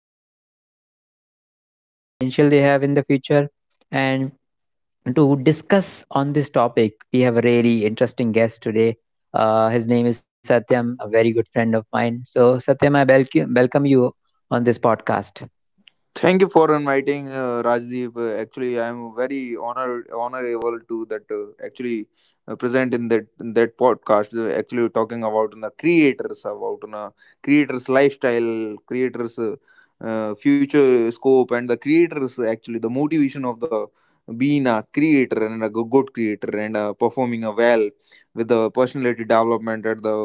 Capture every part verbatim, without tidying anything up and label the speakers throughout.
Speaker 1: they earn and uh, what potential they have in the future. And to discuss on this topic, we have a really interesting guest today. Uh, his name is Satyam, a very good friend of mine. So Satyam, I welcome welcome you on this podcast.
Speaker 2: Thank you for inviting uh, Rajdeep. Uh, actually, I am very honored, honorable to that uh, actually uh, present in that in that podcast. Uh, actually, talking about the creators, about the creators' lifestyle, creators' uh, uh, future scope, and the creators actually the motivation of the being a creator and a go- good creator and uh, performing a well with the personality development and the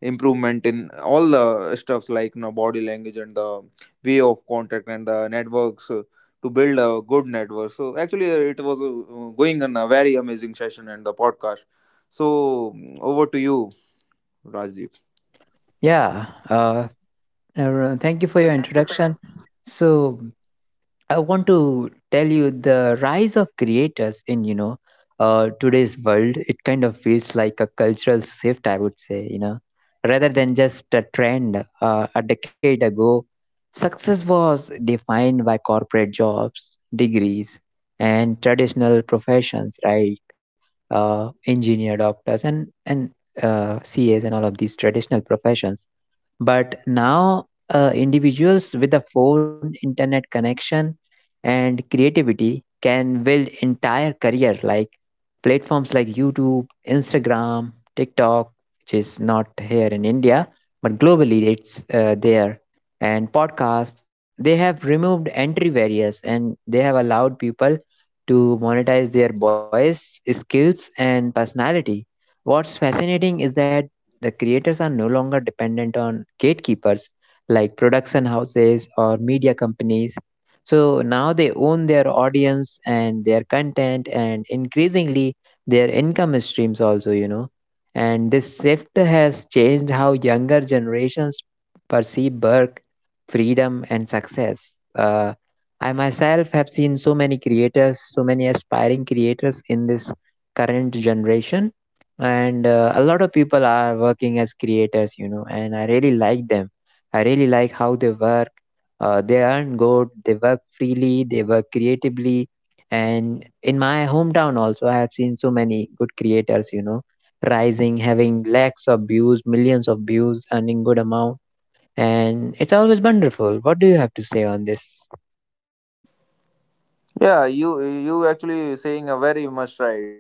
Speaker 2: improvement in all the stuffs like you know, body language and the way of contact and the networks uh, to build a good network. So actually, uh, it was uh, going on a very amazing session and the podcast. So mm, over to you, Rajdeep.
Speaker 1: Yeah. Uh, uh, thank you for your introduction. So I want to tell you the rise of creators in you know uh, today's world. It kind of feels like a cultural shift, I would say, you know, rather than just a trend. Uh, a decade ago, success was defined by corporate jobs, degrees, and traditional professions, right? Uh, engineer, doctors, and and uh, C As, and all of these traditional professions. But now, uh, individuals with a phone, internet connection, and creativity can build entire career like platforms like YouTube, Instagram, TikTok, which is not here in India, but globally it's uh, there. And podcasts, they have removed entry barriers and they have allowed people to monetize their voice, skills, and personality. What's fascinating is that the creators are no longer dependent on gatekeepers like production houses or media companies. So now they own their audience and their content, and increasingly their income streams also, you know. And this shift has changed how younger generations perceive work, freedom, and success. Uh, I myself have seen so many creators, so many aspiring creators in this current generation, and uh, a lot of people are working as creators, you know, and I really like them. I really like how they work. Uh, they earn good, they work freely, they work creatively. And in my hometown, also, I have seen so many good creators, you know, rising, having lakhs of views, millions of views, earning good amount. And it's always wonderful. What do you have to say on this?
Speaker 2: Yeah, you you actually saying a very much right.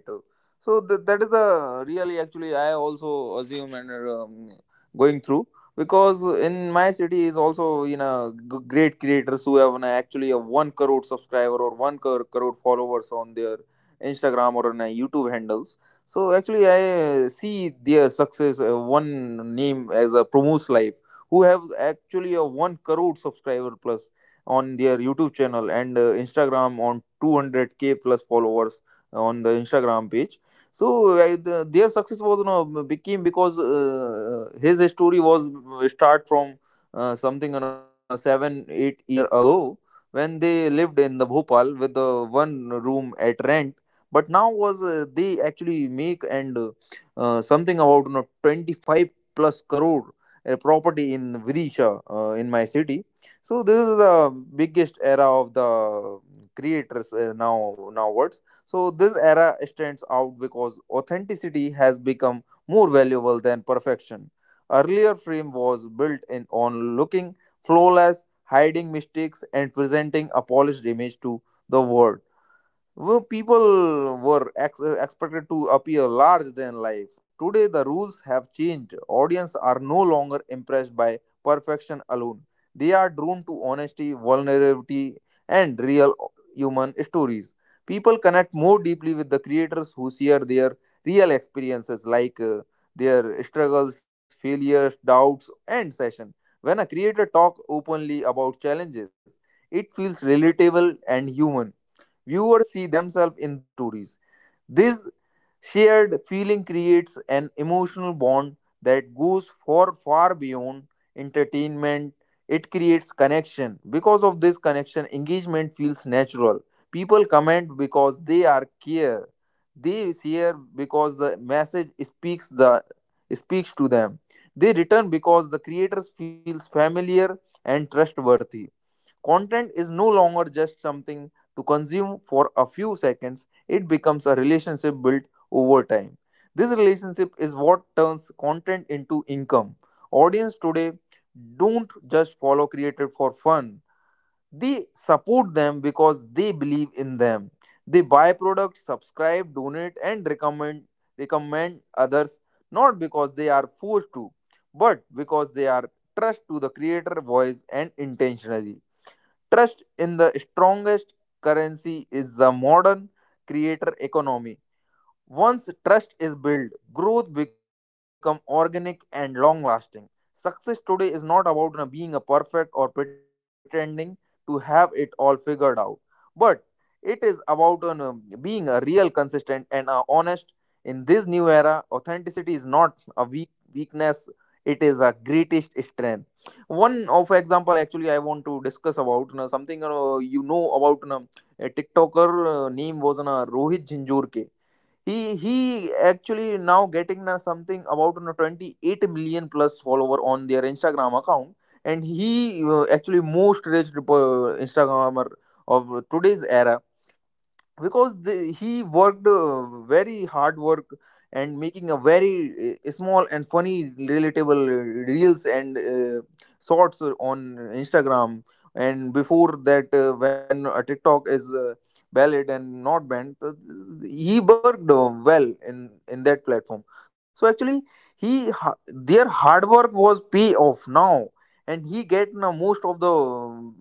Speaker 2: So th- that is a really actually I also assume and um, going through because in my city is also you know g- great creators who have an, actually a one crore subscriber or one crore, crore followers on their Instagram or on a YouTube handles. So actually I see their success, uh, one name as a Promos Life, who have actually a one crore subscriber plus on their YouTube channel and uh, Instagram on two hundred k plus followers uh, on the Instagram page. So uh, the, their success was, you know, became because uh, his story was uh, start from uh, something on a seven eight year ago, when they lived in the Bhopal with the one room at rent, but now was uh, they actually make and uh, uh, something about, you know, twenty-five plus crore uh, property in Vidisha uh, in my city. So this is the biggest era of the mm, creators uh, now nowadays. So this era stands out because authenticity has become more valuable than perfection. Earlier frame was built in on looking flawless, hiding mistakes, and presenting a polished image to the world. Well, people were ex- expected to appear large than life. Today, the rules have changed. Audience are no longer impressed by perfection alone. They are drawn to honesty, vulnerability, and real human stories. People connect more deeply with the creators who share their real experiences, like uh, their struggles, failures, doubts, and session. When a creator talks openly about challenges, it feels relatable and human. Viewers see themselves in those stories. This shared feeling creates an emotional bond that goes far, far beyond entertainment. It creates connection. Because of this connection, engagement feels natural. People comment because they are care. They share because the message speaks the speaks to them. They return because the creators feels familiar and trustworthy. Content is no longer just something to consume for a few seconds, it becomes a relationship built over time. This relationship is what turns content into income. Audience today don't just follow creators for fun. They support them because they believe in them. They buy products, subscribe, donate, and recommend recommend others not because they are forced to, but because they are trust to the creator voice and intentionally. Trust in the strongest currency is the modern creator economy. Once trust is built, growth becomes organic and long lasting. Success today is not about uh, being a perfect or pretending to have it all figured out, but it is about uh, being a real, consistent, and uh, honest. In this new era, authenticity is not a weak weakness; it is a greatest strength. One of example, actually, I want to discuss about uh, something uh, you know about uh, a TikToker uh, name was uh, Rohit Jhinjurke. He he actually now getting now something about, you know, twenty-eight million plus follower on their Instagram account, and he uh, actually most reached uh, instagrammer of today's era because the, he worked uh, very hard work and making a very uh, small and funny relatable uh, reels and uh, shorts on Instagram. And before that uh, when a TikTok is uh, valid and not banned th- th- he worked uh, well in in that platform. So actually he ha- their hard work was pay off now, and he get now most of the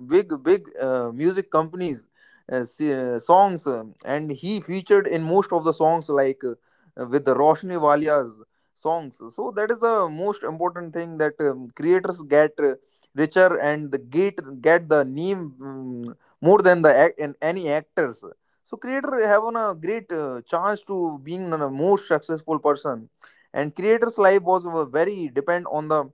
Speaker 2: big big uh, music companies uh, si- uh, songs, um, and he featured in most of the songs, like uh, with the Roshni Walia's songs. So that is the most important thing that um, creators get uh, richer and the get get the name um, more than the act and any actors. So creator have on a great uh, chance to being a most successful person, and creator's life was uh, very depend on the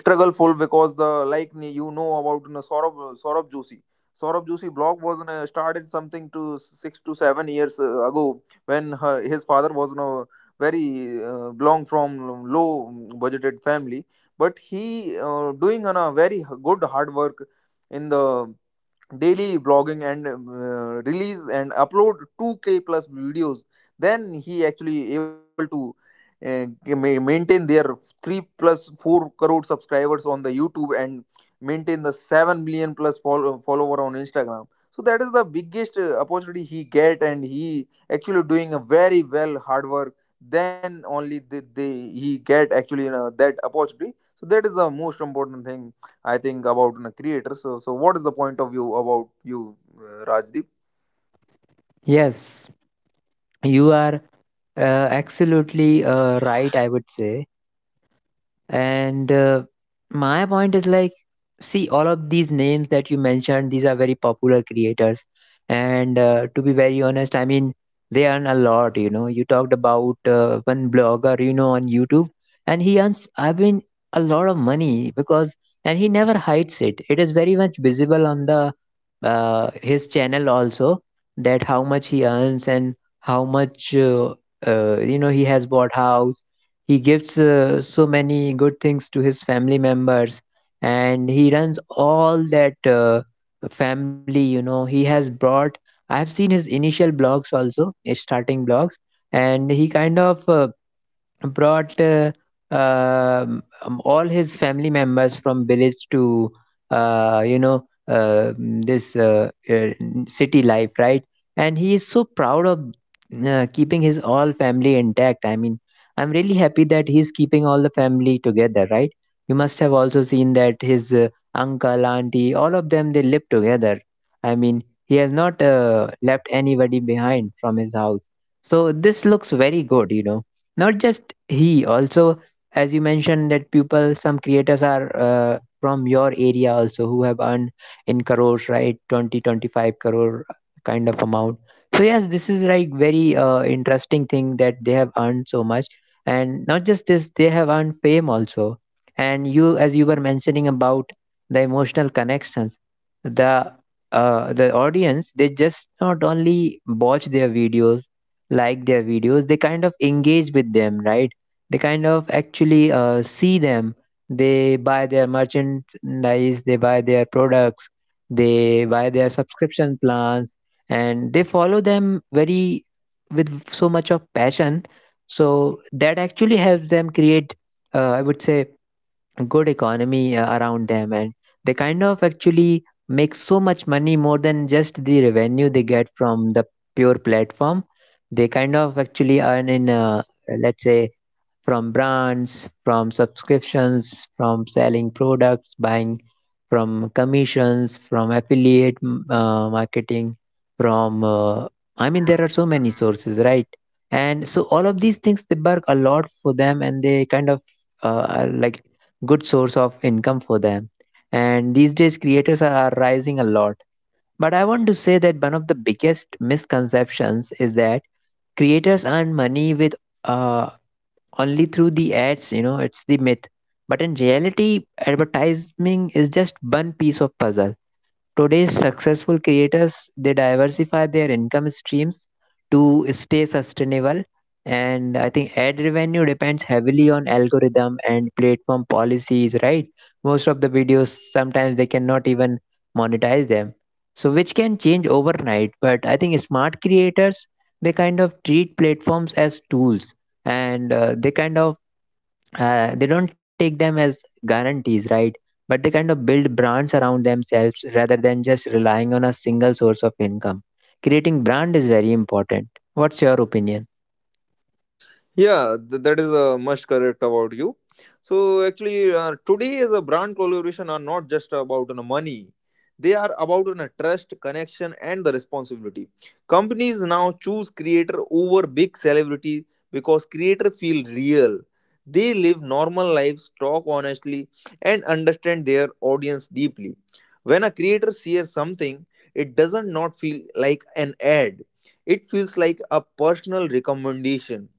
Speaker 2: struggleful because the like you know about, you know, Saurabh Saurabh Joshi. Saurabh Joshi blog was uh, started something to six to seven years uh, ago when her, his father was no very uh, belong from low budgeted family, but he uh, doing on a very h- good hard work in the daily blogging and um, uh, release and upload two k plus videos. Then he actually able to uh, ma- maintain their three plus four crore subscribers on the YouTube and maintain the seven million plus follow- follower on Instagram. So that is the biggest uh, opportunity he get, and he actually doing a very well hard work. Then only they, they he get actually, you know, that opportunity. So that is the most important thing I think about a creator. So, so what is the point of view about you, uh, Rajdeep?
Speaker 1: Yes, you are uh, absolutely uh, right, I would say. And uh, my point is, like, see, all of these names that you mentioned, these are very popular creators. And uh, to be very honest, I mean, they earn a lot. You know, you talked about uh, one blogger, you know, on YouTube, and he earns, I mean, a lot of money, because, and he never hides it. It is very much visible on the uh, his channel also, that how much he earns and how much uh, uh, you know he has bought house, he gives uh, so many good things to his family members, and he runs all that uh, family, you know. He has brought, I have seen his initial blogs also, his starting blogs, and he kind of uh, brought uh, um, um, all his family members from village to uh, you know uh, mm, this uh, uh, city life, right. And he is so proud of uh, keeping his all family intact. I mean, I'm really happy that he's keeping all the family together, right? You must have also seen that his uh, uncle, auntie, all of them, they live together. I mean, he has not uh, left anybody behind from his house. So this looks very good you know Not just, he also, as you mentioned, that people, some creators are uh, from your area also, who have earned in crores, right? Twenty, twenty-five crore kind of amount. So yes, this is, like, very uh, interesting thing that they have earned so much. And not just this, they have earned fame also. And, you, as you were mentioning about the emotional connections, the uh, the audience, they just not only watch their videos, like their videos. They kind of engage with them, right? They kind of actually
Speaker 2: Yes,
Speaker 1: uh,
Speaker 2: actually
Speaker 1: see
Speaker 2: they build
Speaker 1: them.
Speaker 2: a relation
Speaker 1: They
Speaker 2: about that.
Speaker 1: buy their
Speaker 2: Brand collaboration
Speaker 1: merchandise, they
Speaker 2: have
Speaker 1: buy their
Speaker 2: actually uh,
Speaker 1: products,
Speaker 2: become a
Speaker 1: they buy their subscription plans, and they follow them very, with so much of passion. So that actually helps them create, uh, I would say, good economy uh, around them, and they kind of actually make so much money, more than just the revenue they get from the pure platform. They kind of actually earn in, uh, let's say, from brands, from subscriptions, from selling products, buying, from commissions, from affiliate uh, marketing, from uh, I mean, there are so many sources, right? And so all of these things, they work a lot for them, and they kind of uh, are like good source of income for them. And these days, creators are are rising a lot. But I want to say that one of the biggest misconceptions is that creators earn money with uh, only through the ads, you know, it's the myth. But in reality, advertising is just one piece of puzzle. Today's successful creators, they diversify their income streams to stay sustainable. And I think ad revenue depends heavily on algorithm and platform policies, right? Most of the videos, sometimes they cannot even monetize them. So, which can change overnight, but I think smart creators, they kind of treat platforms as tools, and uh, they kind of uh, they don't take them as guarantees, right? But they kind of build brands around themselves, rather than just relying on a single source of income. Creating brand is very important. What's your opinion?
Speaker 2: Yeah, th- that is uh, much correct about you. So actually, uh, today is a brand collaboration are not just about uh, money. They are about uh, trust, connection, and the responsibility. Companies now choose creator over big celebrity because creator feel real. They live normal lives, talk honestly, and understand their audience deeply. When a creator shares something, it doesn't not feel like an ad. It feels like a personal recommendation.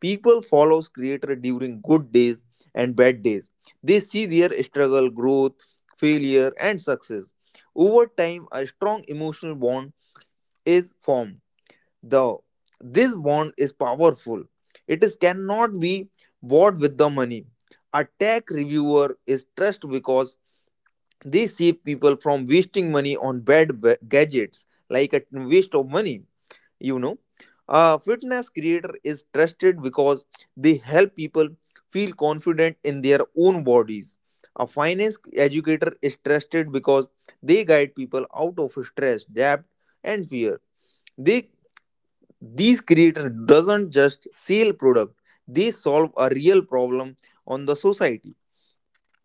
Speaker 2: People follows creator during good days and bad days. They see their struggle, growth, failure and success. Over time a strong emotional bond is formed. The This bond is powerful. It is cannot be bought with the money. A tech reviewer is trusted because they save people from wasting money on bad ba- gadgets, like a waste of money, you know. A fitness creator is trusted because they help people feel confident in their own bodies. A finance educator is trusted because they guide people out of stress debt and fear. They These creators doesn't just sell product, they solve a real problem on the society.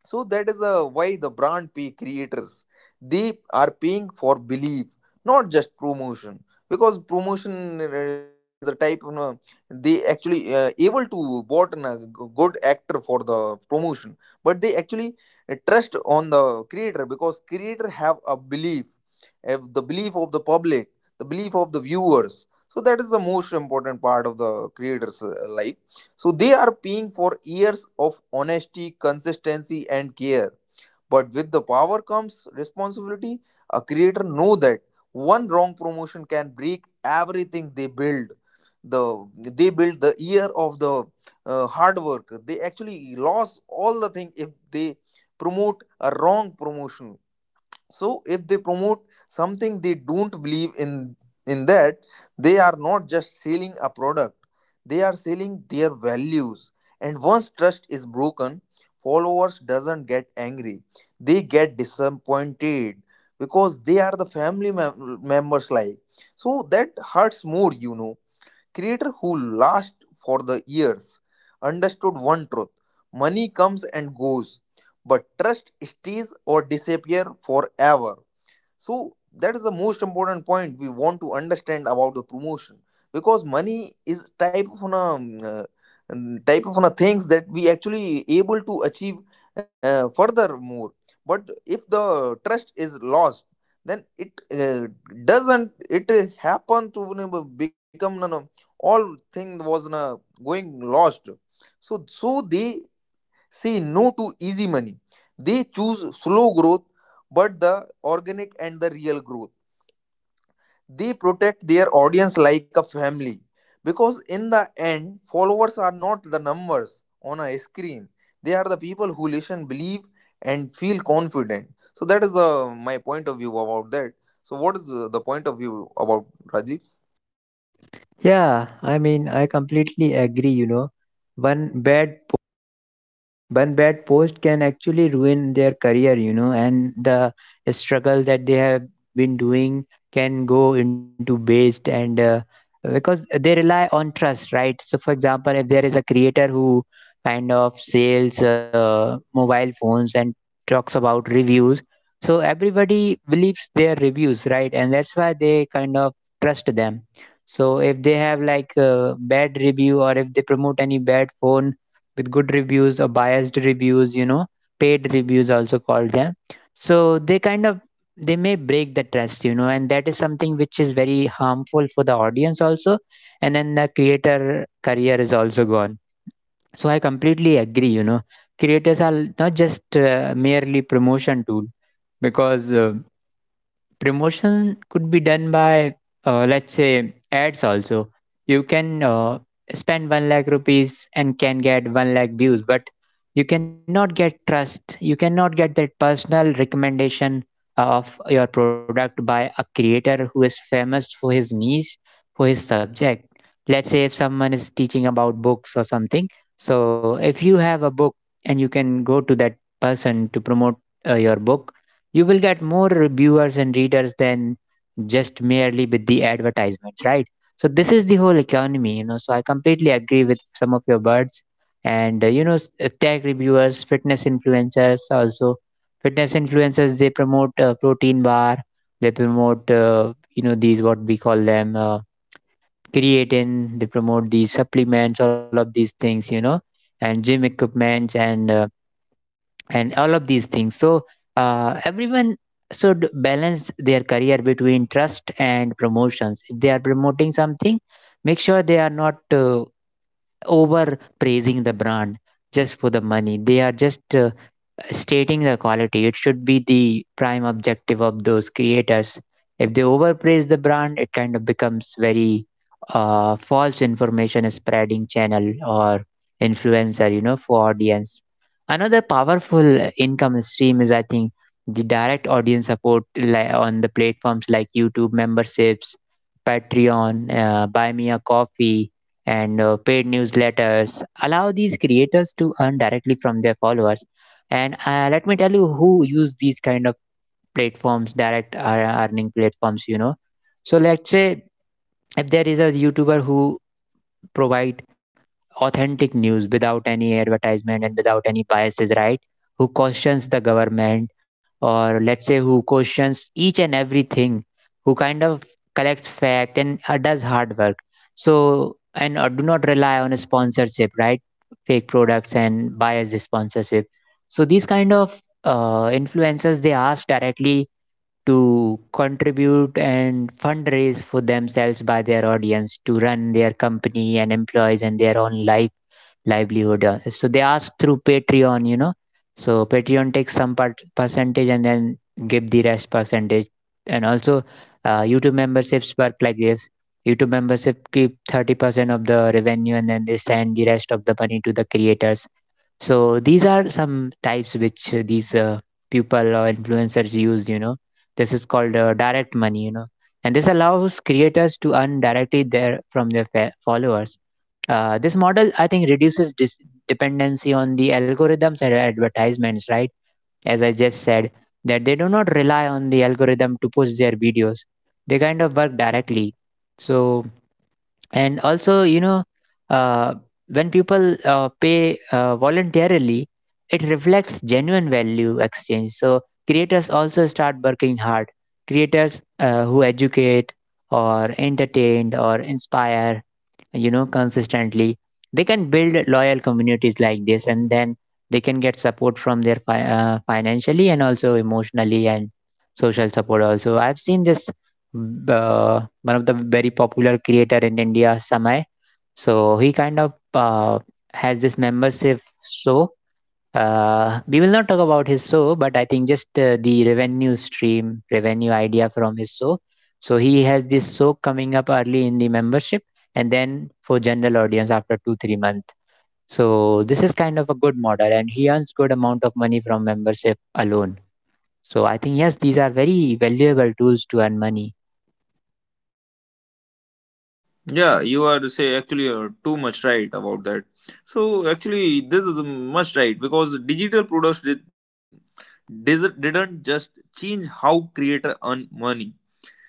Speaker 2: So that is uh, why the brand P creators, they are paying for belief, not just promotion. Because promotion is the type, you know, they actually uh, able to bought a good actor for the promotion, but they actually uh, trust on the creator because creator have a belief, have the belief of the public, the belief of the viewers. So that is the most important part of the creator's uh, life. So they are paying for years of honesty, consistency, and care. But with the power comes responsibility. A creator know that one wrong promotion can break everything they build. The they build the year of the uh, hard work. They actually lost all the thing if they promote a wrong promotion. So if they promote something they don't believe in in that, they are not just selling a product, they are selling their values. And once trust is broken, followers doesn't get angry, they get disappointed because they are the family mem- members, like, so that hurts more, you know. Creators who last for the years understood one truth: money comes and goes, but trust stays or disappears forever. So that is the most important point we want to understand about the promotion, because money is type of an um, uh, um, type of an things that we actually able to achieve uh, furthermore. But if the trust is lost, then it uh, doesn't it uh, happen to, you know, become, you know, all thing was, you know, going lost. So so they say no to easy money. They choose slow growth, but the organic and the real growth. They protect their audience like a family because, in the end, followers are not the numbers on a screen, they are the people who listen, believe, and feel confident. So, that is uh, my point of view about that. So, what is uh, the point of view about Rajiv?
Speaker 1: Yeah, I mean, I completely agree, you know. One bad one bad post can actually ruin their career, you know, and the struggle that they have been doing can go into waste, and uh, because they rely on trust, right? So, for example, if there is a creator who kind of sells uh, mobile phones and talks about reviews, so everybody believes their reviews, right? And that's why they kind of trust them. So, if they have like a bad review, or if they promote any bad phone, with good reviews or biased reviews, you know paid reviews also called them, so they kind of, they may break the trust, you know and that is something which is very harmful for the audience also. And then the creator career is also gone. So I completely agree you know Creators are not just uh, merely promotion tool, because uh, promotion could be done by, uh, let's say, ads also. You can uh, spend 1 lakh rupees and can get 1 lakh views, but you cannot get trust, you cannot get that personal recommendation uh, of your product by a creator who is famous for his niche, for his subject. Let's say if someone is teaching about books or something, so if you have a book, and you can go to that person to promote uh, your book, you will get more viewers and readers than just merely with the advertisements, right? So this is the whole economy you know so I completely agree with some of your words. And uh, you know s- uh, tech reviewers, fitness influencers also, fitness influencers, they promote uh, protein bar, they promote uh, you know these, what we call them, uh, creatine, they promote these supplements, all of these things you know And gym equipments, and uh, and all of these things. So uh, everyone should balance their career between trust and promotions. If they are promoting something, make sure they are not uh, over praising the brand just for the money, they are just uh, stating the quality. It should be the prime objective of those creators. If they overpraise the brand, it kind of becomes very uh, false information is spreading channel or influencer, you know, for audience. Another powerful income stream is, I think, the direct audience support li- on the platforms like YouTube memberships, Patreon, uh, Buy Me a Coffee, and uh, paid newsletters. Allow these creators to earn directly from their followers. And uh, let me tell you who use these kind of platforms, direct ear- earning platforms, you know. So, let's say, if there is a youtuber who provide authentic news without any advertisement and without any biases, right? Who questions the government, or let's say, who questions each and everything, who kind of collects fact and uh, does hard work. So, and uh, do not rely on sponsorship, right? Fake products and biased sponsorship. So these kind of uh, influencers, they ask directly to contribute and fundraise for themselves, by their audience, to run their company and employees and their own life livelihood. uh, So they ask through Patreon, you know. So Patreon takes some part percentage, and then give the rest percentage. And also, uh, YouTube memberships work like this. YouTube membership keep thirty percent of the revenue and then they send the rest of the money to the creators. So these are some types which uh, these uh, people or influencers use, you know. This is called uh, direct money, you know. And this allows creators to earn directly there from their fa- followers. Uh, this model, I think, reduces dis- dependency on the algorithms and advertisements, right? As I just said, that they do not rely on the algorithm to push their videos. They kind of work directly. So, and also you know uh, when people uh, pay uh, voluntarily, it reflects genuine value exchange. So creators also start working hard, creators uh, who educate or entertain or inspire, you know, consistently. They can build loyal communities like this, and then they can get support from their fi- uh, financially, and also emotionally, and social support also. I've seen this, b- uh, one of the very popular creator in India, Samay. So he kind of uh, has this membership. So Uh, we will not talk about his show, but I think just uh, the revenue stream, revenue idea from his show. So he has this show coming up early in the membership, and then for general audience after two, three months. So this is kind of a good model, and he earns good amount of money from membership alone. So I think, yes, these are very valuable tools to earn money.
Speaker 2: Yeah, you are say actually are too much right about that. So actually, this is much right because digital products did, dis- didn't just change how creator earn money;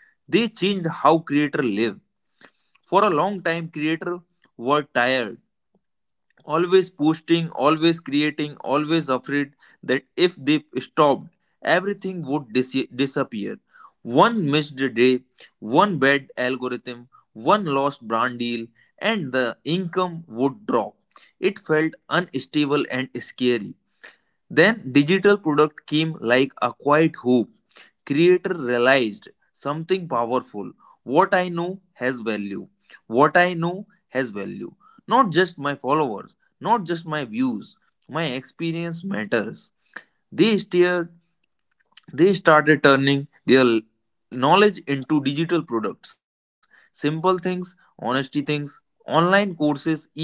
Speaker 2: they changed how creator live. For a long time, creator were tired, always posting, always creating, always afraid that if they stopped, everything would dis- disappear. One missed day, one bad algorithm, one lost brand deal, and the income would drop. It felt unstable and scary. Then digital product came like a quiet hope. Creator realized something powerful. What I know has value. What I know has value. Not just my followers, not just my views. My experience matters. They stared they started turning their knowledge into digital products, simple things, honesty things, online courses, ebook,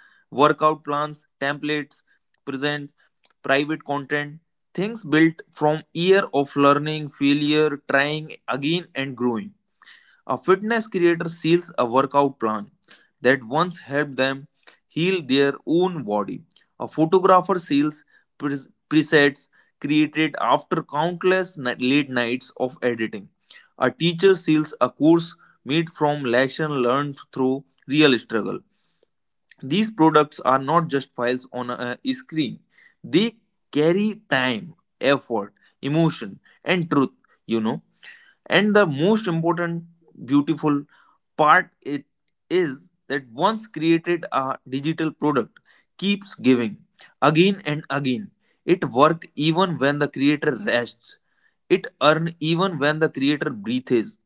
Speaker 2: workout plans, templates, presents, private content, things built from year of learning, failure, trying again and growing. A fitness creator seals a workout plan that once helped them heal their own body. A photographer seals pres- presets created after countless ni- late nights of editing. A teacher seals a course made from lesson learned through real struggle. These products are not just files on a a screen. They carry time, effort, emotion, and truth. You know, and the most important beautiful part it is that once created, a digital product keeps giving again and again. It work even when the creator rests. It earn even when the creator breathes,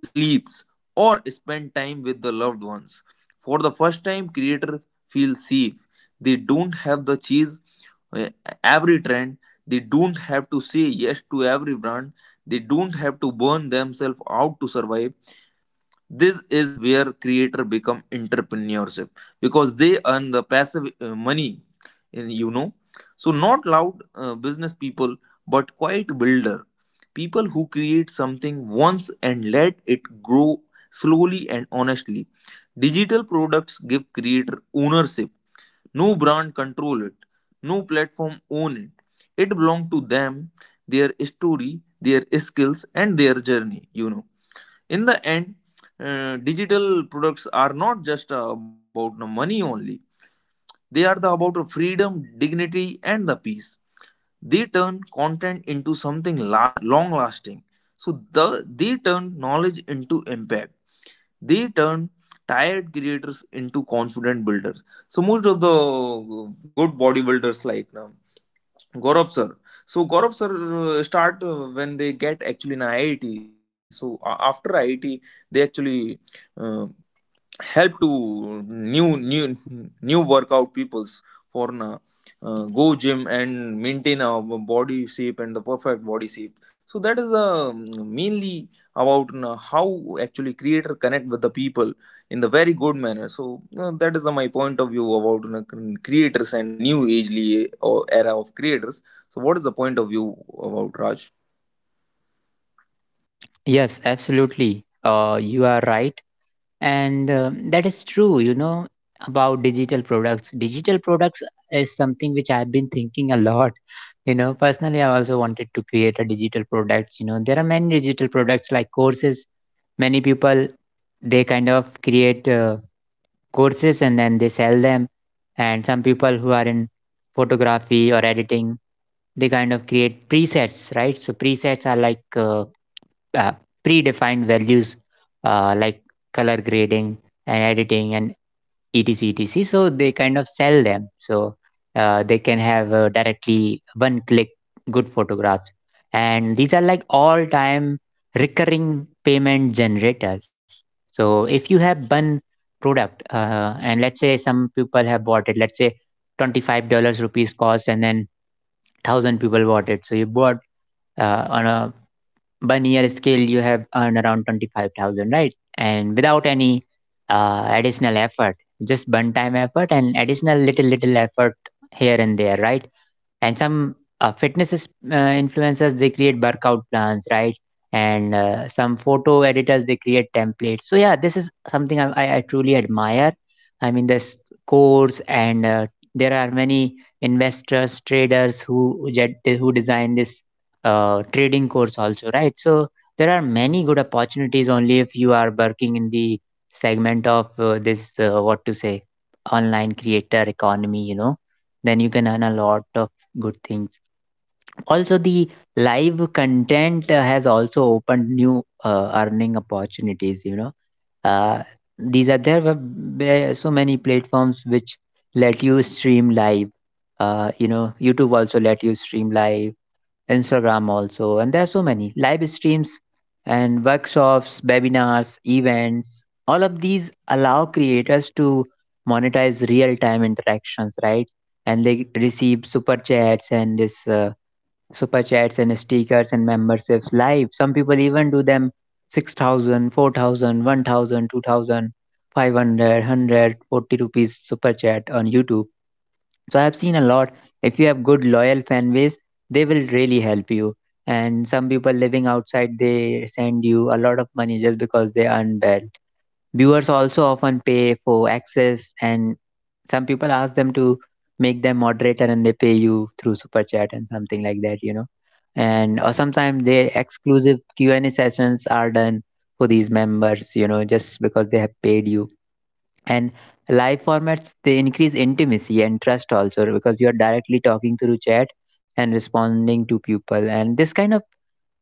Speaker 2: sleeps, or spend time with the loved ones. For the first time, creator feels safe. They don't have the chase uh, every trend. They don't have to say yes to every brand. They don't have to burn themselves out to survive. This is where creator become entrepreneurship, because they earn the passive uh, money in you know So not loud uh, business people, but quiet builder, people who create something once and let it grow slowly and honestly. Digital products give creator ownership. No brand control it, no platform own it, it belong to them, their story, their skills and their journey you know In the end, uh, digital products are not just uh, about the money only. They are the about the freedom, dignity and the peace. They turn content into something la- long lasting. So the they turn knowledge into impact. They turn tired creators into confident builders. So most of the uh, good bodybuilders like now, Gaurav sir. So Gaurav sir uh, start uh, when they get actually in I I T. So a- after I I T, they actually uh, help to new new new workout peoples for na, uh, go gym and maintain a body shape and the perfect body shape. So that is uh, mainly about na, how actually creator connect with the people in the very good manner. So you know, that is uh, my point of view about you know, creators and the new agely or era of creators. So what is the point of view about Raj?
Speaker 1: Yes, absolutely. Uh, you are right, and uh, that is true, you know, about digital products digital products is something which I've been thinking a lot. You know, personally I also wanted to create a digital product. You know, there are many digital products like courses. Many people, they kind of create uh, courses and then they sell them. And some people who are in photography or editing, they kind of create presets, right? So presets are like uh, uh, predefined values, uh, like color grading and editing and etc etc. So they kind of sell them. So uh, they can have uh, directly one click good photographs, and these are like all time recurring payment generators. So if you have one product, uh, and let's say some people have bought it, let's say twenty-five dollars rupees cost, and then one thousand people bought it. So you bought uh, on a one year scale, you have earned around twenty-five thousand, right? And without any uh, additional effort, just one time effort and additional little little effort here and there, right? And some uh, fitness is- uh, influencers, they create workout plans, right? And uh, some photo editors, they create templates. So yeah, this is something i, I, I truly admire. I mean this course, and uh, there are many investors, traders who jet, who design this uh, trading course also, right? So there are many good opportunities only if you are working in the segment of uh, this uh, what to say, online creator economy, you know, then you can earn a lot of good things. Also, the live content uh, has also opened new uh, earning opportunities. You know, uh, these are there were be- so many platforms which let you stream live. Uh, you know, YouTube also let you stream live, Instagram also, and there are so many live streams and workshops, webinars, events. All of these allow creators to monetize real-time interactions, right? And they receive super chats and this Uh, super chats and stickers and memberships live. Some people even do them six thousand, four thousand, rupees super chat on YouTube. So I have seen a lot. If you have good loyal fan base, they will really help you. And some people living outside, they send you a lot of money just because they earn well. Viewers also often pay for access, and some people ask them to make them moderator and they pay you through super chat and something like that, you know. And or sometimes their exclusive q&a sessions are done for these members, you know, just because they have paid you. And live formats, they increase intimacy and trust also, because you are directly talking through chat and responding to people. And this kind of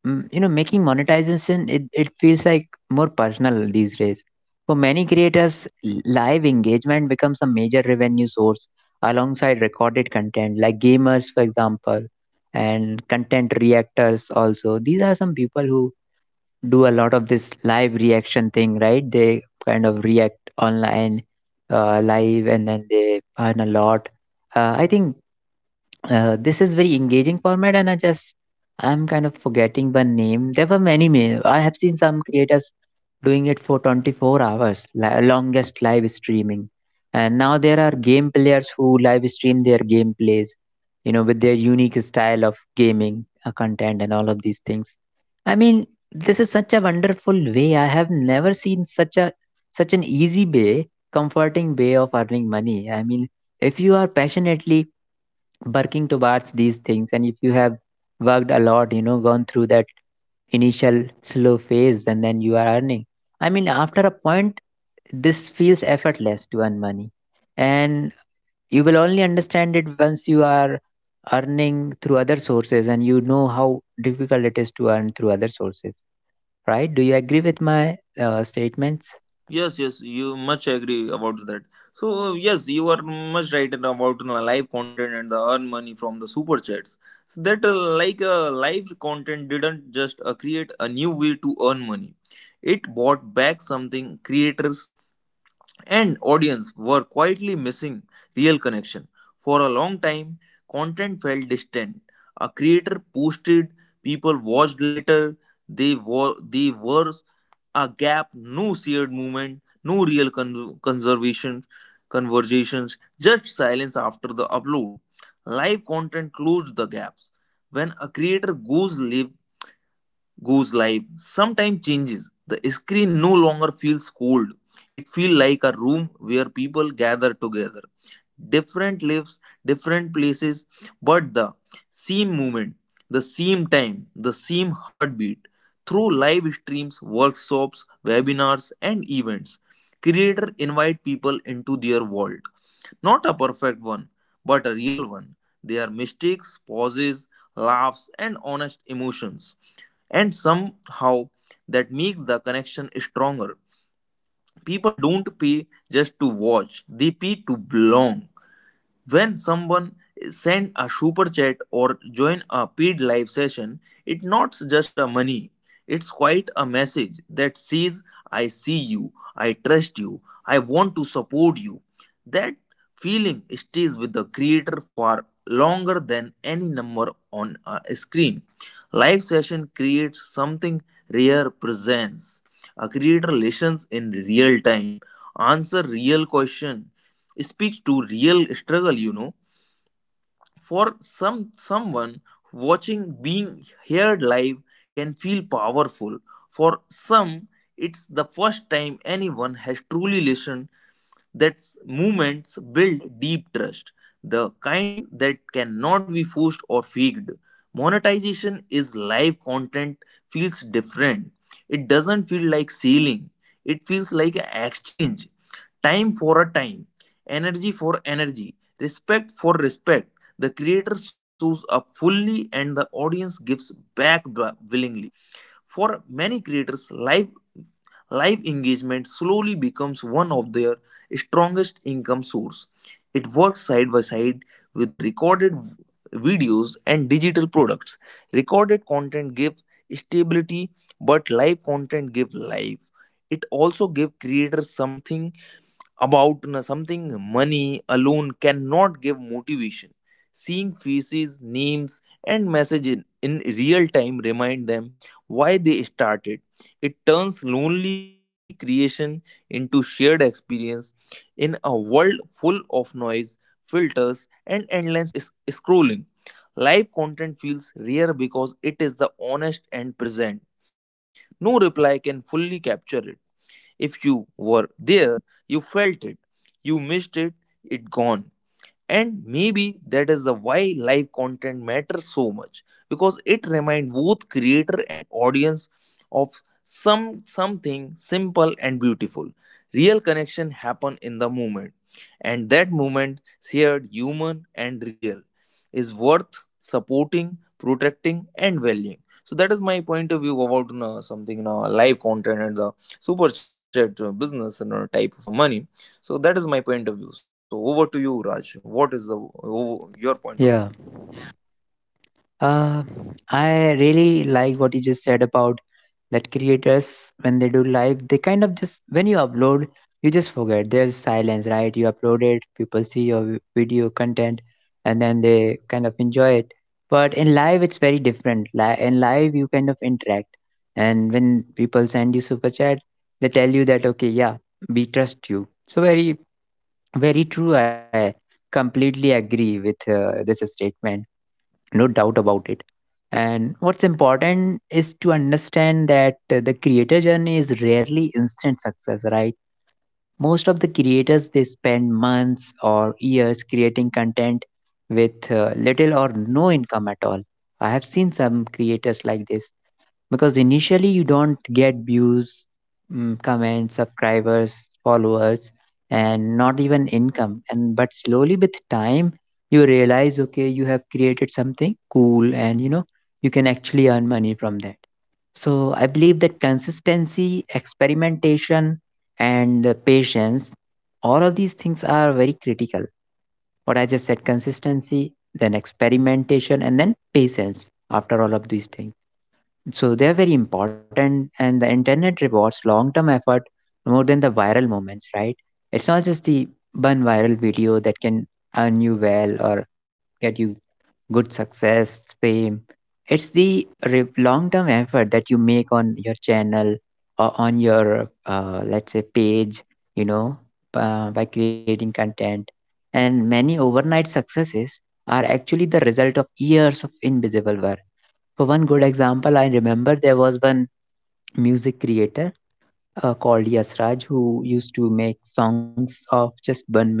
Speaker 1: Mm, you know, making monetization, it, it feels like more personal these days. For many creators, l- live engagement becomes a major revenue source alongside recorded content, like gamers, for example, and content reactors also. These are some people who do a lot of this live reaction thing, right? They kind of react online, uh, live, and then they earn a lot. Uh, I think uh, this is very engaging format, and I just I'm kind of forgetting the name. There were many ma I have seen some creators doing it for twenty-four hours, li- longest live streaming. And now there are game players who live stream their gameplays, you know, with their unique style of gaming, uh, content and all of these things. I mean, this is such a wonderful way. I have never seen such a such an easy way, comforting way of earning money. I mean, if you are passionately working towards these things, and if you have worked a lot, you know, gone through that initial slow phase, and then you are earning, I mean after a point this feels effortless to earn money. And you will only understand it once you are earning through other sources and you know how difficult it is to earn through other sources, right? Do you agree with my uh, statements?
Speaker 2: Yes, yes, you much agree about that. So yes, you are much right about you know, live content and the earn money from the super chats. So that uh, like uh, live content didn't just uh, create a new way to earn money. It brought back something creators and audience were quietly missing, real connection. For a long time, content felt distant. A creator posted, people watched later. They were they were a gap, no shared movement, no real con- conservation conversations, just silence after the upload. Live content closed the gaps. When a creator goes live, goes live sometimes changes. The screen no longer feels cold. It feels like a room where people gather together. Different lives, different places, but the same moment, the same time, the same heartbeat. Through live streams, workshops, webinars, and events, creators invite people into their world. Not a perfect one, but a real one. There are mistakes, pauses, laughs, and honest emotions. And somehow that makes the connection stronger. People don't pay just to watch, they pay to belong. When someone send a super chat or join a paid live session, it's not just a money. It's quite a message that says, I see you, I trust you, I want to support you. That feeling stays with the creator far longer than any number on a screen. Live session creates something rare, presence. A creator listens in real time, answer real question, speaks to real struggle you know For some, someone watching, being heard live can feel powerful. For some, it's the first time anyone has truly listened. That movements build deep trust, the kind that cannot be forced or faked. Monetization is live content feels different. It doesn't feel like selling. It feels like an exchange. Time for a time, energy for energy, respect for respect. The creator shows up fully and the audience gives back b- willingly. For many creators, live live engagement slowly becomes one of their strongest income source. It works side by side with the recorded v- videos and digital products. Recorded content gives stability, but live content gives life. It also gives creators something about n- something money alone cannot give, motivation. Seeing faces, names, and messages in real time remind them why they started. It turns lonely creation into shared experience in a world full of noise, filters, and endless s- scrolling. Live content feels rare because it is the honest and present. No reply can fully capture it. If you were there, you felt it. You missed it, it gone. And maybe that is the why live content matters so much, because it reminds both creator and audience of some something simple and beautiful. Real connection happen in the moment, and that moment shared, human and real, is worth supporting, protecting and valuing. So that is my point of view about you know, something you know, live content and the super chat uh, business and you know, type of you know, money. So that is my point of view. So over to you, Raj. What is the o- your point of view?
Speaker 1: Yeah, uh, I really like what you just said about that creators when they do live, they kind of just when you upload, you just forget there's silence, right? You upload it, people see your v- video content, and then they kind of enjoy it. But in live, it's very different. Li- in live, you kind of interact, and when people send you super chat, they tell you that, okay, yeah, we trust you. So very very true, I completely agree with uh, this statement, no doubt about it. And what's important is to understand that uh, the creator journey is rarely instant success, right? Most of the creators, they spend months or years creating content with uh, little or no income at all. I have seen some creators like this, because initially you don't get views, mm, comments, subscribers, followers, and not even income. And but slowly with time, you realize, okay, you have created something cool, and you know you can actually earn money from that. So I believe that consistency, experimentation, and uh, patience, all of these things are very critical. What I just said, consistency, then experimentation, and then patience. After all of these things. So they're very important, and the internet rewards long term effort more than the viral moments, right? It's not just the one viral video that can earn you well or get you good success, fame. It's the re- long term effort that you make on your channel or on your, uh, let's say, page, you know, uh, by creating content. And many overnight successes are actually the result of years of invisible work. For one good example, I remember there was one music creator uh, called Yasraj, who used to make songs of just one minute.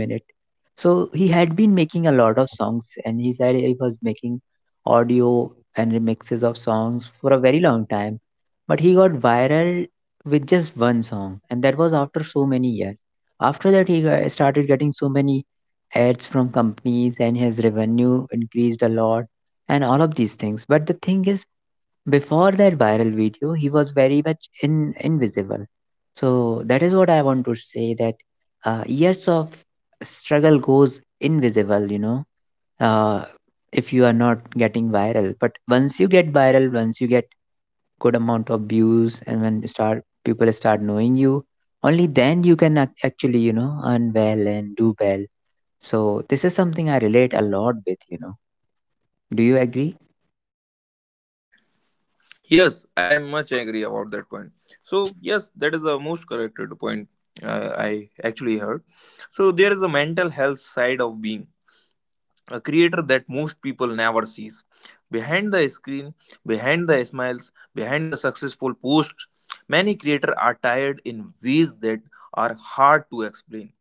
Speaker 1: So he had been making a lot of songs, and he said he was making audio and remixes of songs for a very long time. But he got viral with just one song, and that was after so many years. After that, he got- started getting so many ads from companies, and his revenue increased a lot and all of these things. But the thing is, before that viral video, he was very much in, invisible. So that is what I want to say, that uh, years of struggle goes invisible, you know. uh, if you are not getting viral, but once you get viral, once you get good amount of views, and when you start people start knowing you, only then you can ac- actually, you know, earn well and do well. So this is something I relate a lot with, you know. Do you agree?
Speaker 2: Yes, I am much agree about that point. So yes, that is the most corrected point uh, I actually heard. So there is a mental health side of being a creator that most people never sees. Behind the screen, behind the smiles, behind the successful posts, many creators are tired in ways that are hard to explain.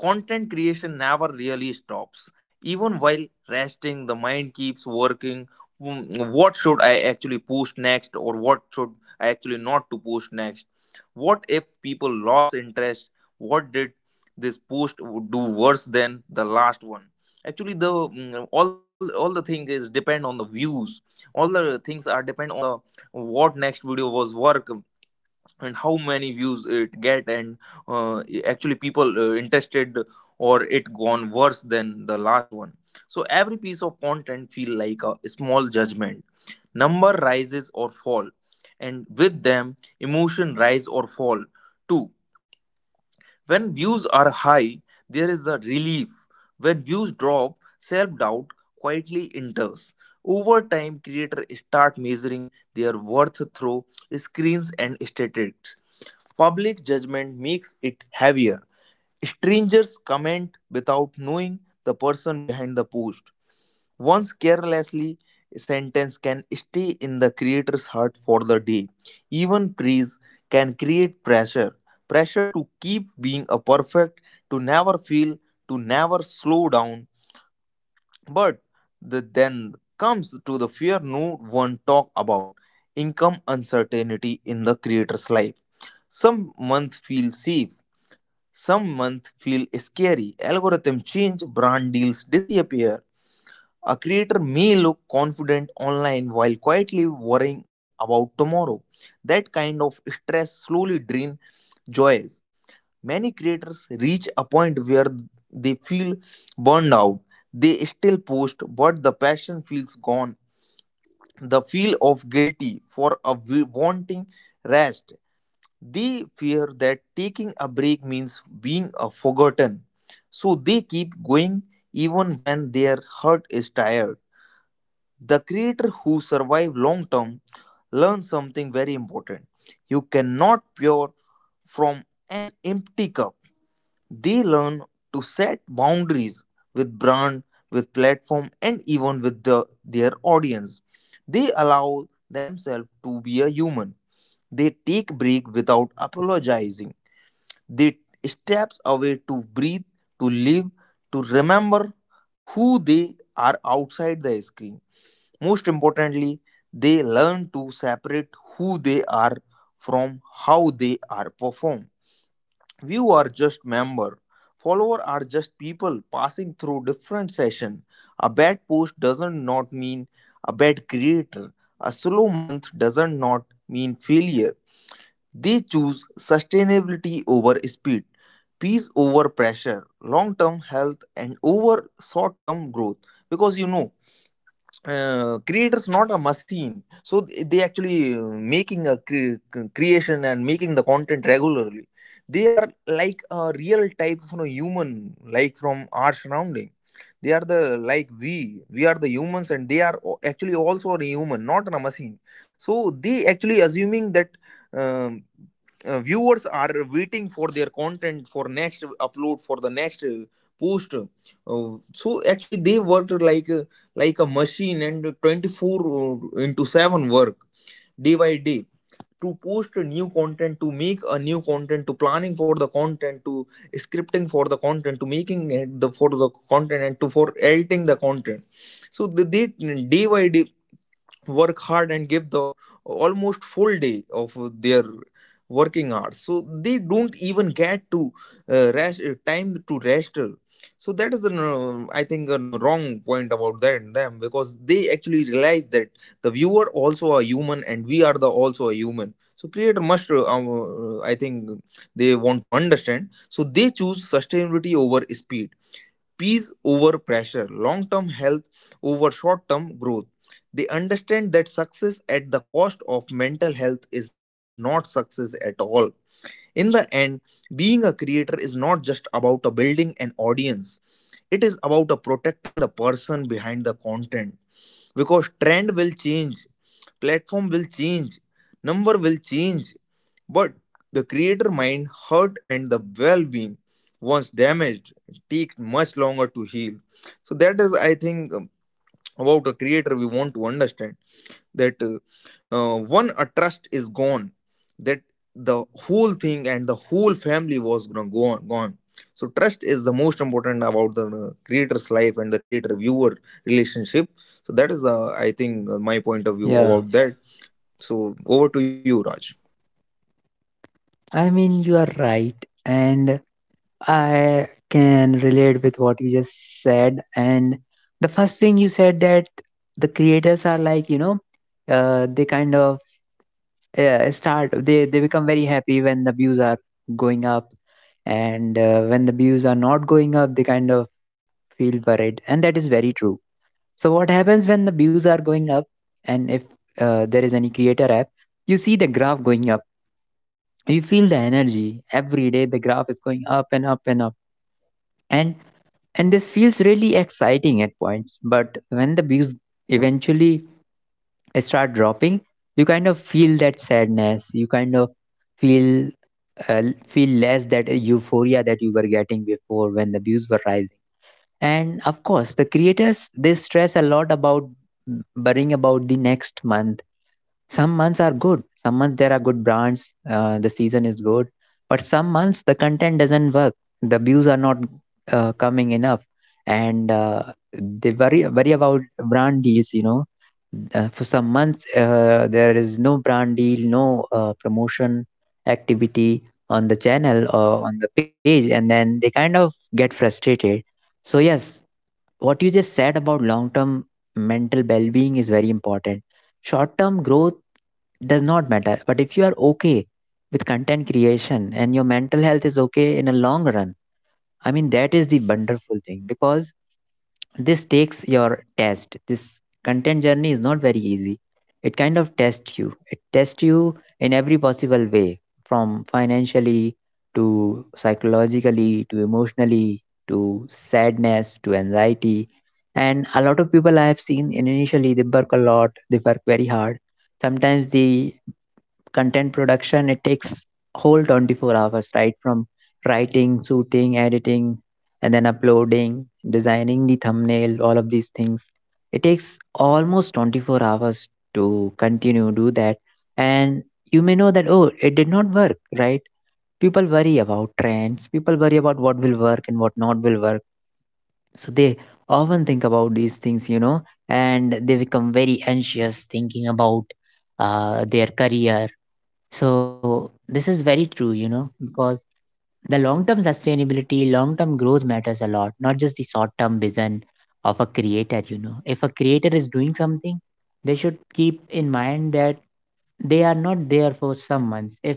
Speaker 2: Content creation never really stops. Even while resting, the mind keeps working. Mm, What should I actually post next, or what should I actually not to post next? What if people lost interest? What did this post do worse than the last one? Actually, the mm, all all the thing is depend on the views. All the things are depend on the what next video was work and how many views it get, and uh, actually people uh, interested or it gone worse than the last one. So every piece of content feel like a small judgment. Number rises or fall, and with them emotion rise or fall too. When views are high, there is the relief. When views drop, self doubt quietly enters. Over time, creators start measuring their worth through screens and statistics. Public judgment makes it heavier. Strangers comment without knowing the person behind the post. Once carelessly, a sentence can stay in the creator's heart for the day. Even praise can create pressure. Pressure to keep being a perfect, to never fail, to never slow down. But the, then comes to the fear no one talk about, income uncertainty in the creator's life. Some month feel safe, some months feel scary. Algorithm change, brand deals disappear. A creator may look confident online while quietly worrying about tomorrow. That kind of stress slowly drains joys. Many creators reach a point where they feel burned out. They still post, but the passion feels gone. The feel of guilty for a w- wanting rest. They fear that taking a break means being uh, forgotten, so they keep going even when their heart is tired. The creator who survive long term learns something very important. You cannot pour from an empty cup. They learn to set boundaries with brand, with platform, and even with the, their audience. They allow themselves to be a human. They take break without apologizing. They steps away to breathe, to live, to remember who they are outside the screen. Most importantly, they learn to separate who they are from how they are performed. View are just member. Follower are just people passing through different session. A bad post doesn't not mean a bad creator. A slow month doesn't not mean failure. They choose sustainability over speed, peace over pressure, long term health, and over short term growth. Because you know, uh, Creators not a machine, so th- they actually uh, making a cre- c- creation and making the content regularly, they are like a real type of you know, human, like from our surrounding. They are the, like we we are the humans and they are o- actually also a human, not a machine. So they actually assuming that um, uh, viewers are waiting for their content for next upload, for the next uh, post. Uh, so actually they worked like uh, like a machine, and twenty-four into seven work day by day, to post a new content, to make a new content, to planning for the content, to scripting for the content, to making it the for the content, and to for editing the content. So the, they day by day work hard and give the almost full day of their working hours, so they don't even get to uh, rest, uh, time to rest. So that is the, uh, I think, uh, wrong point about that in them, because they actually realize that the viewer also a human and we are the also a human, so creator must uh, um, uh, I think they want to understand, so they choose sustainability over speed, peace over pressure, long term health over short term growth. They understand that success at the cost of mental health is not success at all. In the end, being a creator is not just about a building an audience, it is about a protecting the person behind the content, because trend will change, platform will change, number will change, but the creator mind hurt and the well-being, once damaged, take much longer to heal. So that is, I think, um, about a creator we want to understand that uh, uh, one a trust is gone, that the whole thing and the whole family was gonna go on gone. So trust is the most important about the uh, creator's life and the creator viewer relationship. So that is, uh, I think, uh, my point of view
Speaker 1: Yeah,
Speaker 2: about that. So over to you, Raj.
Speaker 1: I mean you are right, and I can relate with what you just said. And the first thing you said that the creators are like, you know, uh, they kind of uh, start, they, they become very happy when the views are going up. And uh, when the views are not going up, they kind of feel worried. And that is very true. So, what happens when the views are going up? And if uh, there is any creator app, you see the graph going up. You feel the energy every day, the graph is going up and up and up. And and this feels really exciting at points, but when the views eventually start dropping, you kind of feel that sadness. You kind of feel uh, feel less that euphoria that you were getting before when the views were rising. And of course, the creators, they stress a lot about worrying about the next month. Some months are good. Some months there are good brands. Uh, the season is good, but some months the content doesn't work. The views are not uh, coming enough, and uh, they worry worry about brand deals. You know, uh, for some months uh, there is no brand deal, no uh, promotion activity on the channel or on the page, and then they kind of get frustrated. So yes, what you just said about long term mental well being is very important. Short term growth does not matter, but if you are okay with content creation and your mental health is okay in a long run, I mean, that is the wonderful thing, because this takes your test. This content journey is not very easy. It kind of tests you. It tests you in every possible way, from financially to psychologically to emotionally, to sadness to anxiety. And a lot of people I have seen, in- initially they work a lot. They work very hard. Sometimes they, content production, it takes whole twenty-four hours, right? From writing, shooting, editing, and then uploading, designing the thumbnail, all of these things. It takes almost twenty-four hours to continue do that. And you may know that, oh, it did not work, right? People worry about trends. People worry about what will work and what not will work. So they often think about these things, you know, and they become very anxious thinking about uh, their career. So this is very true, you know, because the long-term sustainability, long-term growth matters a lot, not just the short-term vision of a creator, you know. If a creator is doing something, they should keep in mind that they are not there for some months. If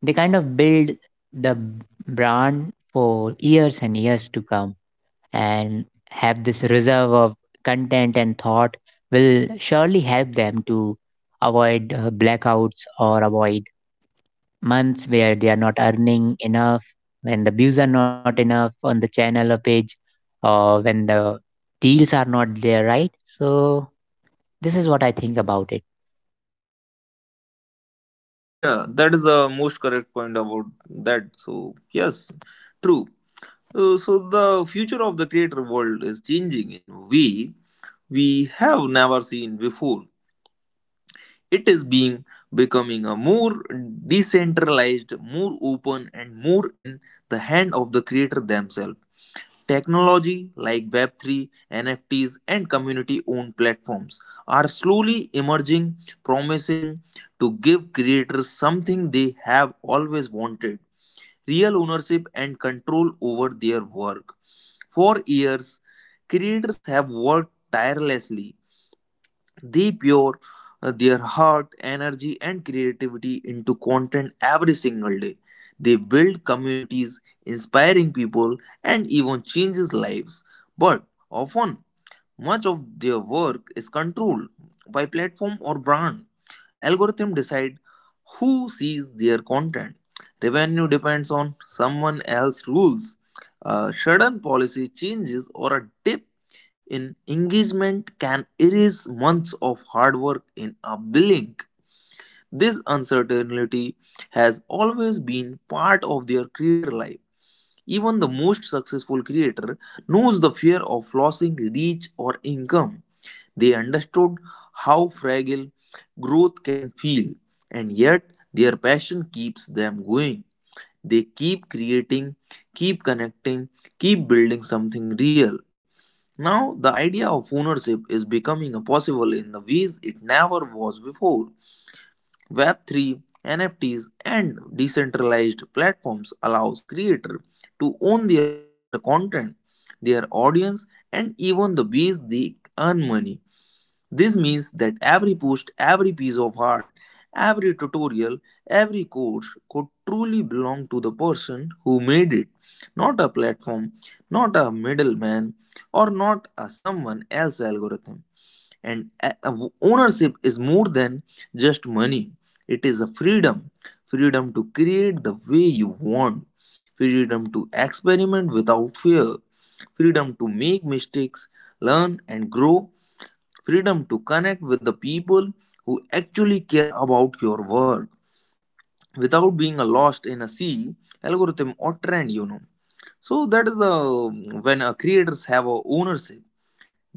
Speaker 1: they kind of build the b- brand for years and years to come, and have this reserve of content and thought, will surely help them to avoid uh, blackouts, or avoid months where they are not earning enough, when the views are not enough on the channel or page, or when the deals are not there, right? So this is what I think about it.
Speaker 2: Yeah, that is the most correct point about that. So, yes, true. Uh, so, the future of the creator world is changing in a way we have never seen before. It is being becoming a more decentralized, more open, and more in the hand of the creator themselves. Technology like web three, N F Ts, and community owned platforms are slowly emerging, promising to give creators something they have always wanted, real ownership and control over their work. For years, creators have worked tirelessly, they pour uh, their heart, energy, and creativity into content every single day. They build communities, inspiring people, and even changes lives. But often, much of their work is controlled by platform or brand. Algorithm decide who sees their content. Revenue depends on someone else's rules. A sudden policy changes or a dip an engagement can erase months of hard work in a blink. This uncertainty has always been part of their creator life. Even the most successful creator knows the fear of losing reach or income. They understood how fragile growth can feel, and yet their passion keeps them going. They keep creating, keep connecting, keep building something real. Now, the idea of ownership is becoming a possible in the ways it never was before. web three, N F Ts, and decentralized platforms allows creators to own their content, their audience, and even the ways they earn money. This means that every post, every piece of art, every tutorial, every course could truly belong to the person who made it, not a platform, not a middleman, or not a someone else algorithm. And a- a w- ownership is more than just money. It is a freedom, freedom to create the way you want, freedom to experiment without fear, freedom to make mistakes, learn and grow, freedom to connect with the people who actually care about your work, without being lost in a sea algorithm or trend you know So that is the, when uh, creators have a ownership,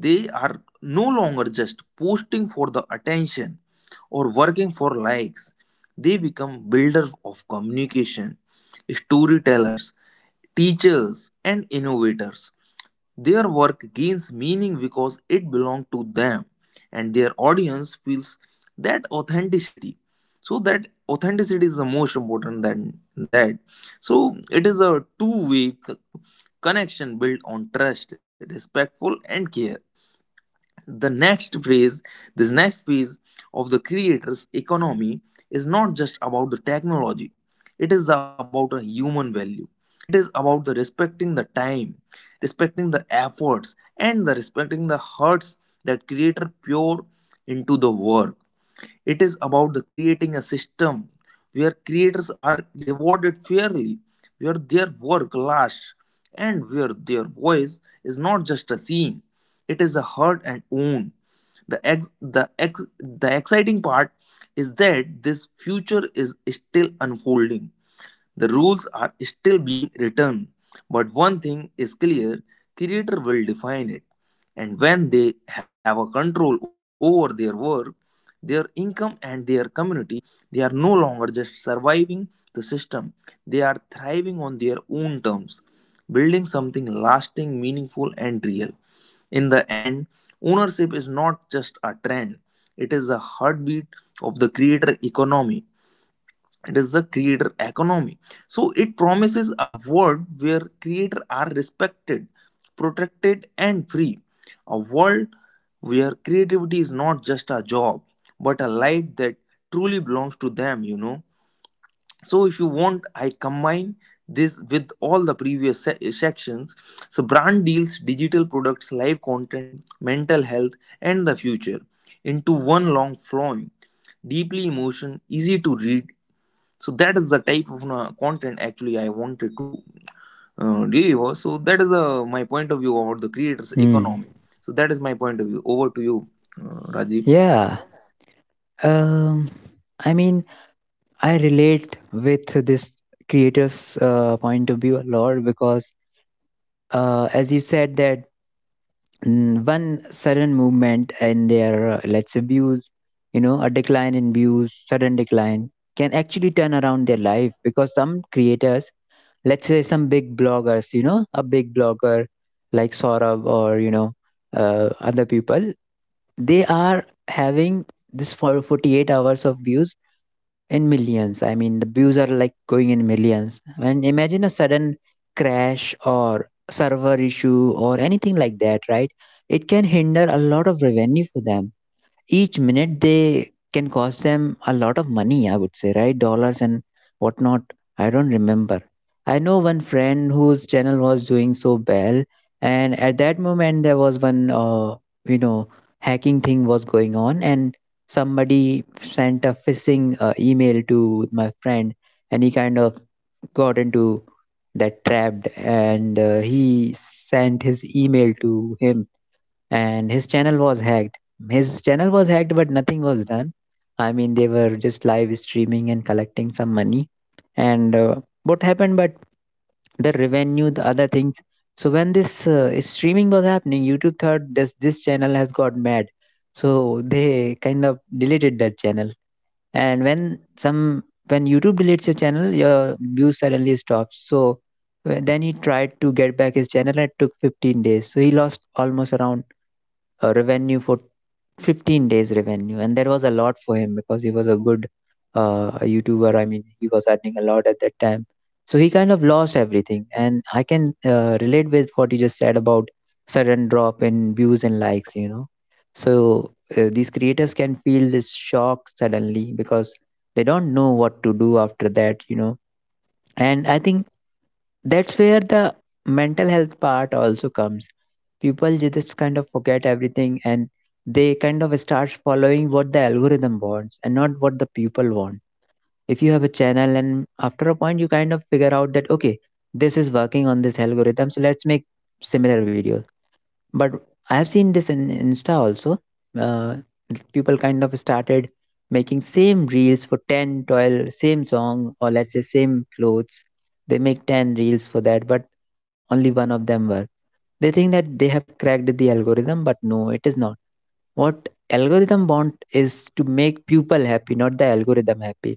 Speaker 2: they are no longer just posting for the attention or working for likes, they become builders of communication, storytellers, teachers, and innovators. Their work gains meaning because it belongs to them, and their audience feels that authenticity. So that authenticity is the most important than that. So it is a two-way c- connection built on trust, respectful, and care. The next phase This next phase of the creators economy is not just about the technology, it is about a human value, it is about the respecting the time, respecting the efforts and the respecting the hearts that creator pour into the work. It is about the creating a system where creators are rewarded fairly, where their work lasts, and where their voice is not just a seen. It is a heard and owned. The ex- the ex- the exciting part is that this future is still unfolding, the rules are still being written, but one thing is clear, creator will define it. And when they have a control over their work, their income and their community, they are no longer just surviving the system. They are thriving on their own terms, building something lasting, meaningful and real. In the end, ownership is not just a trend, it is a heartbeat of the creator economy, it is the creator economy. So it promises a world where creators are respected, protected and free, a world where creativity is not just a job but a life that truly belongs to them you know So if you want I combine this with all the previous se- sections, so brand deals, digital products, live content, mental health, and the future, into one long flowing deeply emotion easy to read. So that is the type of uh, content actually I wanted to uh, deliver. So that is uh, my point of view about the creators
Speaker 1: Hmm.
Speaker 2: economy. So that is my point of view, over to you, uh, Rajiv.
Speaker 1: Yeah. Um, I mean, I relate with this creator's uh, point of view a lot because, uh, as you said, that mm, one sudden movement in their uh, let's say views, you know, a decline in views, sudden decline, can actually turn around their life. Because some creators, let's say some big bloggers, you know, a big blogger like Saurabh, or, you know, uh, other people, they are having this for forty-eight hours of views in millions. I mean, the views are like going in millions. And imagine a sudden crash or server issue or anything like that, right? It can hinder a lot of revenue for them. Each minute they can cost them a lot of money, I would say, right? Dollars and whatnot. I don't remember. I know one friend whose channel was doing so well, and at that moment there was one, uh, you know, hacking thing was going on, and somebody sent a phishing uh, email to my friend, and he kind of got into that trapped, and uh, he sent his email to him, and his channel was hacked. His channel was hacked, but nothing was done. I mean, they were just live streaming and collecting some money. And uh, what happened? But the revenue, the other things. So when this uh, streaming was happening, YouTube thought this this channel has got mad, so they kind of deleted that channel. And when some, when YouTube deletes your channel, your views suddenly stops. So wh- then he tried to get back his channel, and it took fifteen days. So he lost almost around uh, revenue for fifteen days revenue, and that was a lot for him because he was a good uh, YouTuber. I mean, he was earning a lot at that time. So he kind of lost everything, and I can uh, relate with what you just said about sudden drop in views and likes, you know. So uh, these creators can feel this shock suddenly, because they don't know what to do after that, you know. And I think that's where the mental health part also comes. People ju- just kind of forget everything, and they kind of start following what the algorithm wants and not what the people want. If you have a channel and after a point you kind of figure out that, okay, this is working on this algorithm, so let's make similar videos. But I have seen this in Insta also. uh, People kind of started making same reels for ten, twelve same song, or let's say same clothes. They make ten reels for that, but only one of them work. They think that they have cracked the algorithm, but no, it is not. What algorithm want is to make people happy, not the algorithm happy.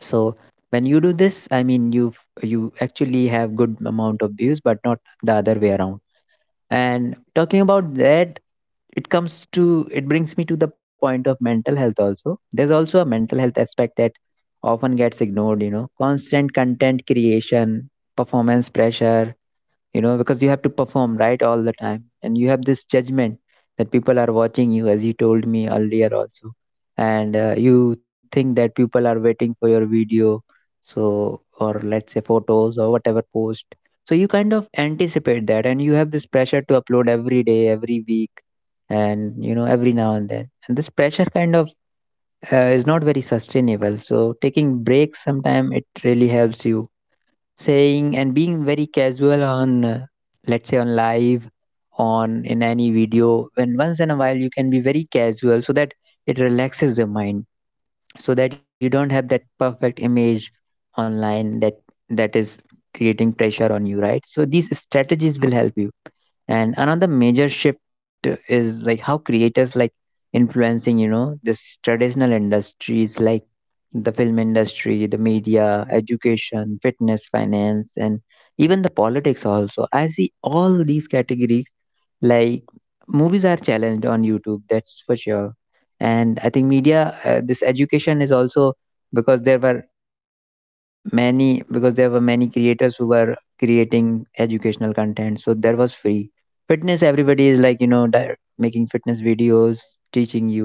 Speaker 1: So when you do this, I mean, you you actually have good amount of views, but not the other way around. And talking about that, it comes to, it brings me to the point of mental health also. There's also a mental health aspect that often gets ignored, you know. Constant content creation, performance pressure, you know, because you have to perform, right, all the time, and you have this judgment that people are watching you, as you told me earlier also. And uh, you think that people are waiting for your video, so, or let's say photos or whatever post. So you kind of anticipate that, and you have this pressure to upload every day, every week, and you know, every now and then, and this pressure kind of uh, is not very sustainable. So taking breaks sometime, it really helps you, saying and being very casual on, uh, let's say on live, on in any video, when once in a while you can be very casual, so that it relaxes your mind, so that you don't have that perfect image online, that, that is creating pressure on you, right? So these strategies will help you. And another major shift is like how creators like influencing, you know, this traditional industries like the film industry, the media, education, fitness, finance, and even the politics also. I see all these categories, like, movies are challenged on YouTube, that's for sure. And I think media, uh, this education is also, because there were many, because there were many creators who were creating educational content, so there was free. Fitness, everybody is like, you know, di- making fitness videos, teaching you,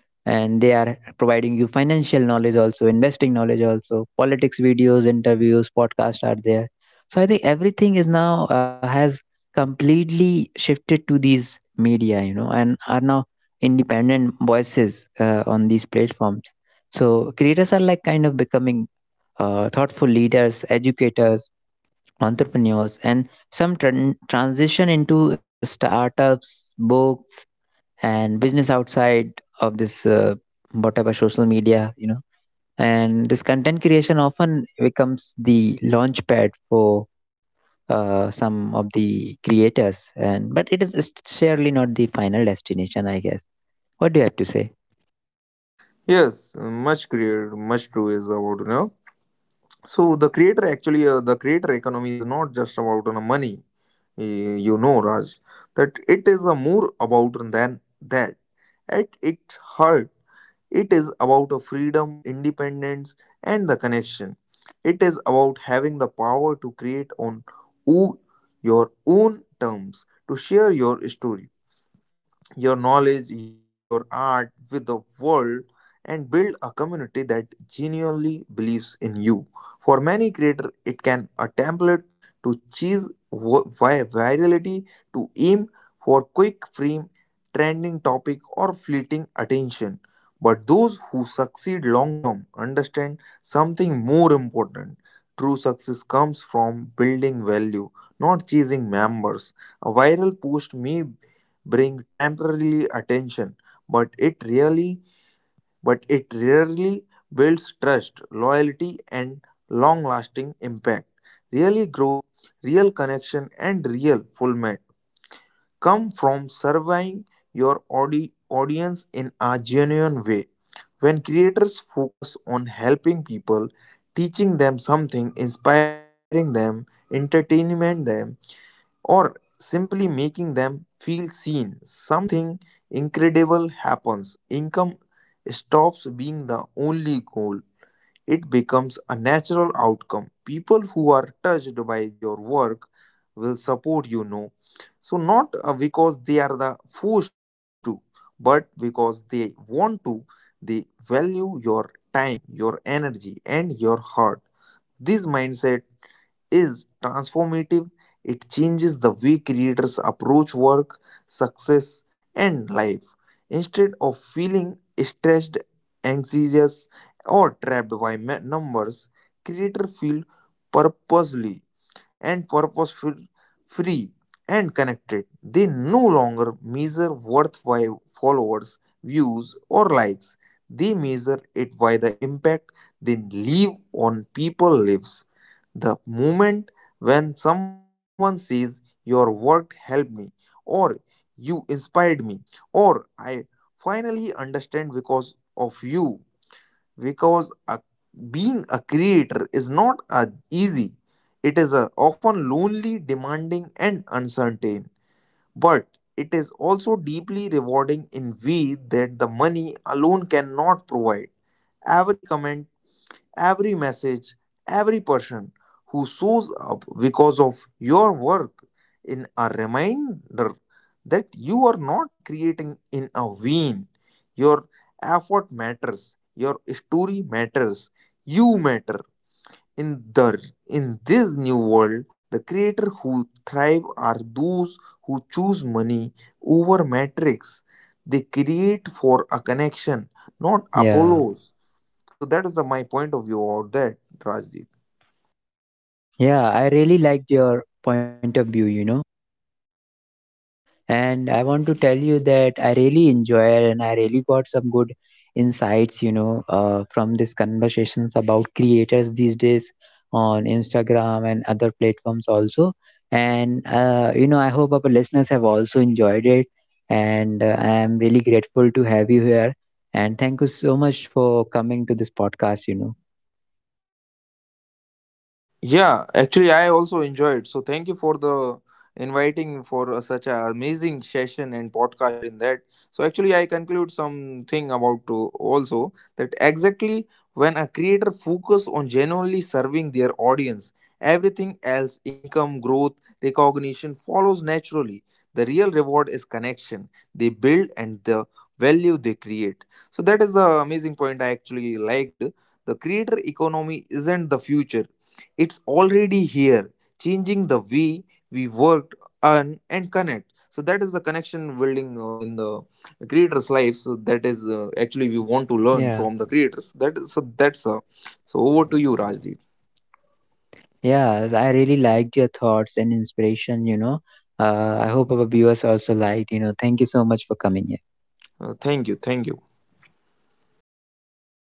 Speaker 1: and they are providing you financial knowledge also, investing knowledge also, politics videos, interviews, podcasts are there. So I think everything is now uh, has completely shifted to these media, you know, and are now independent voices uh, on these platforms. So creators are like kind of becoming uh, thoughtful leaders, educators, entrepreneurs, and some tran- transition into startups, books, and business outside of this uh, whatever social media, you know. And this content creation often becomes the launchpad for uh, some of the creators, and but it is s- surely not the final destination, I guess. What do you have to say?
Speaker 2: Yes, much clear, much true is about you know. So the creator actually, uh, the creator economy is not just about you know, money. Y- You know, Raj, that it is a more about than that. At its heart, it is about a freedom, independence, and the connection. It is about having the power to create on o- your own terms, to share your story, your knowledge, your art with the world, and build a community that genuinely believes in you. For many creators, it can a template to chase wi- vi- virality, to aim for quick fame, trending topic, or fleeting attention. But those who succeed long term understand something more important. True success comes from building value, not chasing members. A viral post may bring temporarily attention, but it really but it rarely builds trust, loyalty and long-lasting impact. Really growth, real connection and real fulfillment come from serving your audi- audience in a genuine way. When creators focus on helping people, teaching them something, inspiring them, entertaining them, or simply making them feel seen, something incredible happens. Income stops being the only goal, it becomes a natural outcome. People who are touched by your work will support you, no. So, not uh, because they are the forced to, but because they want to, they value your time, your energy, and your heart. This mindset is transformative. It changes the way creators approach work, success, and life. Instead of feeling stressed, anxious, or trapped by ma- numbers, creators feel purposely and purposeful, free, and connected. They no longer measure worth by followers, views, or likes. They measure it by the impact they leave on people lives. The moment when someone says your work helped me, or you inspired me, or I finally understand because of you, because a, being a creator is not a, easy. It is a, often lonely, demanding, and uncertain, but it is also deeply rewarding in way that the money alone cannot provide. Every comment, every message, every person who shows up because of your work in a reminder that you are not creating in a vain. Your effort matters, your story matters, you matter. In the in this new world, the creators who thrive are those who choose money over metrics. They create for a connection, not
Speaker 1: Yeah,
Speaker 2: Apollos. So that is the, my point of view about that, Rajdeep.
Speaker 1: yeah, I really liked your point of view, you know. And I want to tell you that I really enjoyed, and I really got some good insights, you know, uh, from these conversations about creators these days on Instagram and other platforms also. And, uh, you know, I hope our listeners have also enjoyed it. And uh, I am really grateful to have you here. And thank you so much for coming to this podcast, you know.
Speaker 2: Yeah, actually, I also enjoyed. So thank you for the inviting for uh, such an amazing session and podcast in that. So actually, I conclude something about to also that exactly when a creator focus on genuinely serving their audience, everything else, income, growth, recognition follows naturally. The real reward is connection they build and the value they create. So that is the amazing point I actually liked. The creator economy isn't the future, it's already here, changing the way we work, earn, and connect. So that is the connection building uh, in the creators' lives. So that is uh, actually we want to learn
Speaker 1: Yeah.
Speaker 2: from the creators. That is so that's uh, so over to you, Rajdeep.
Speaker 1: Yeah. I really liked your thoughts and inspiration, you know. Uh, I hope our viewers also liked, you know. Thank you so much for coming in.
Speaker 2: Uh, thank you, thank you.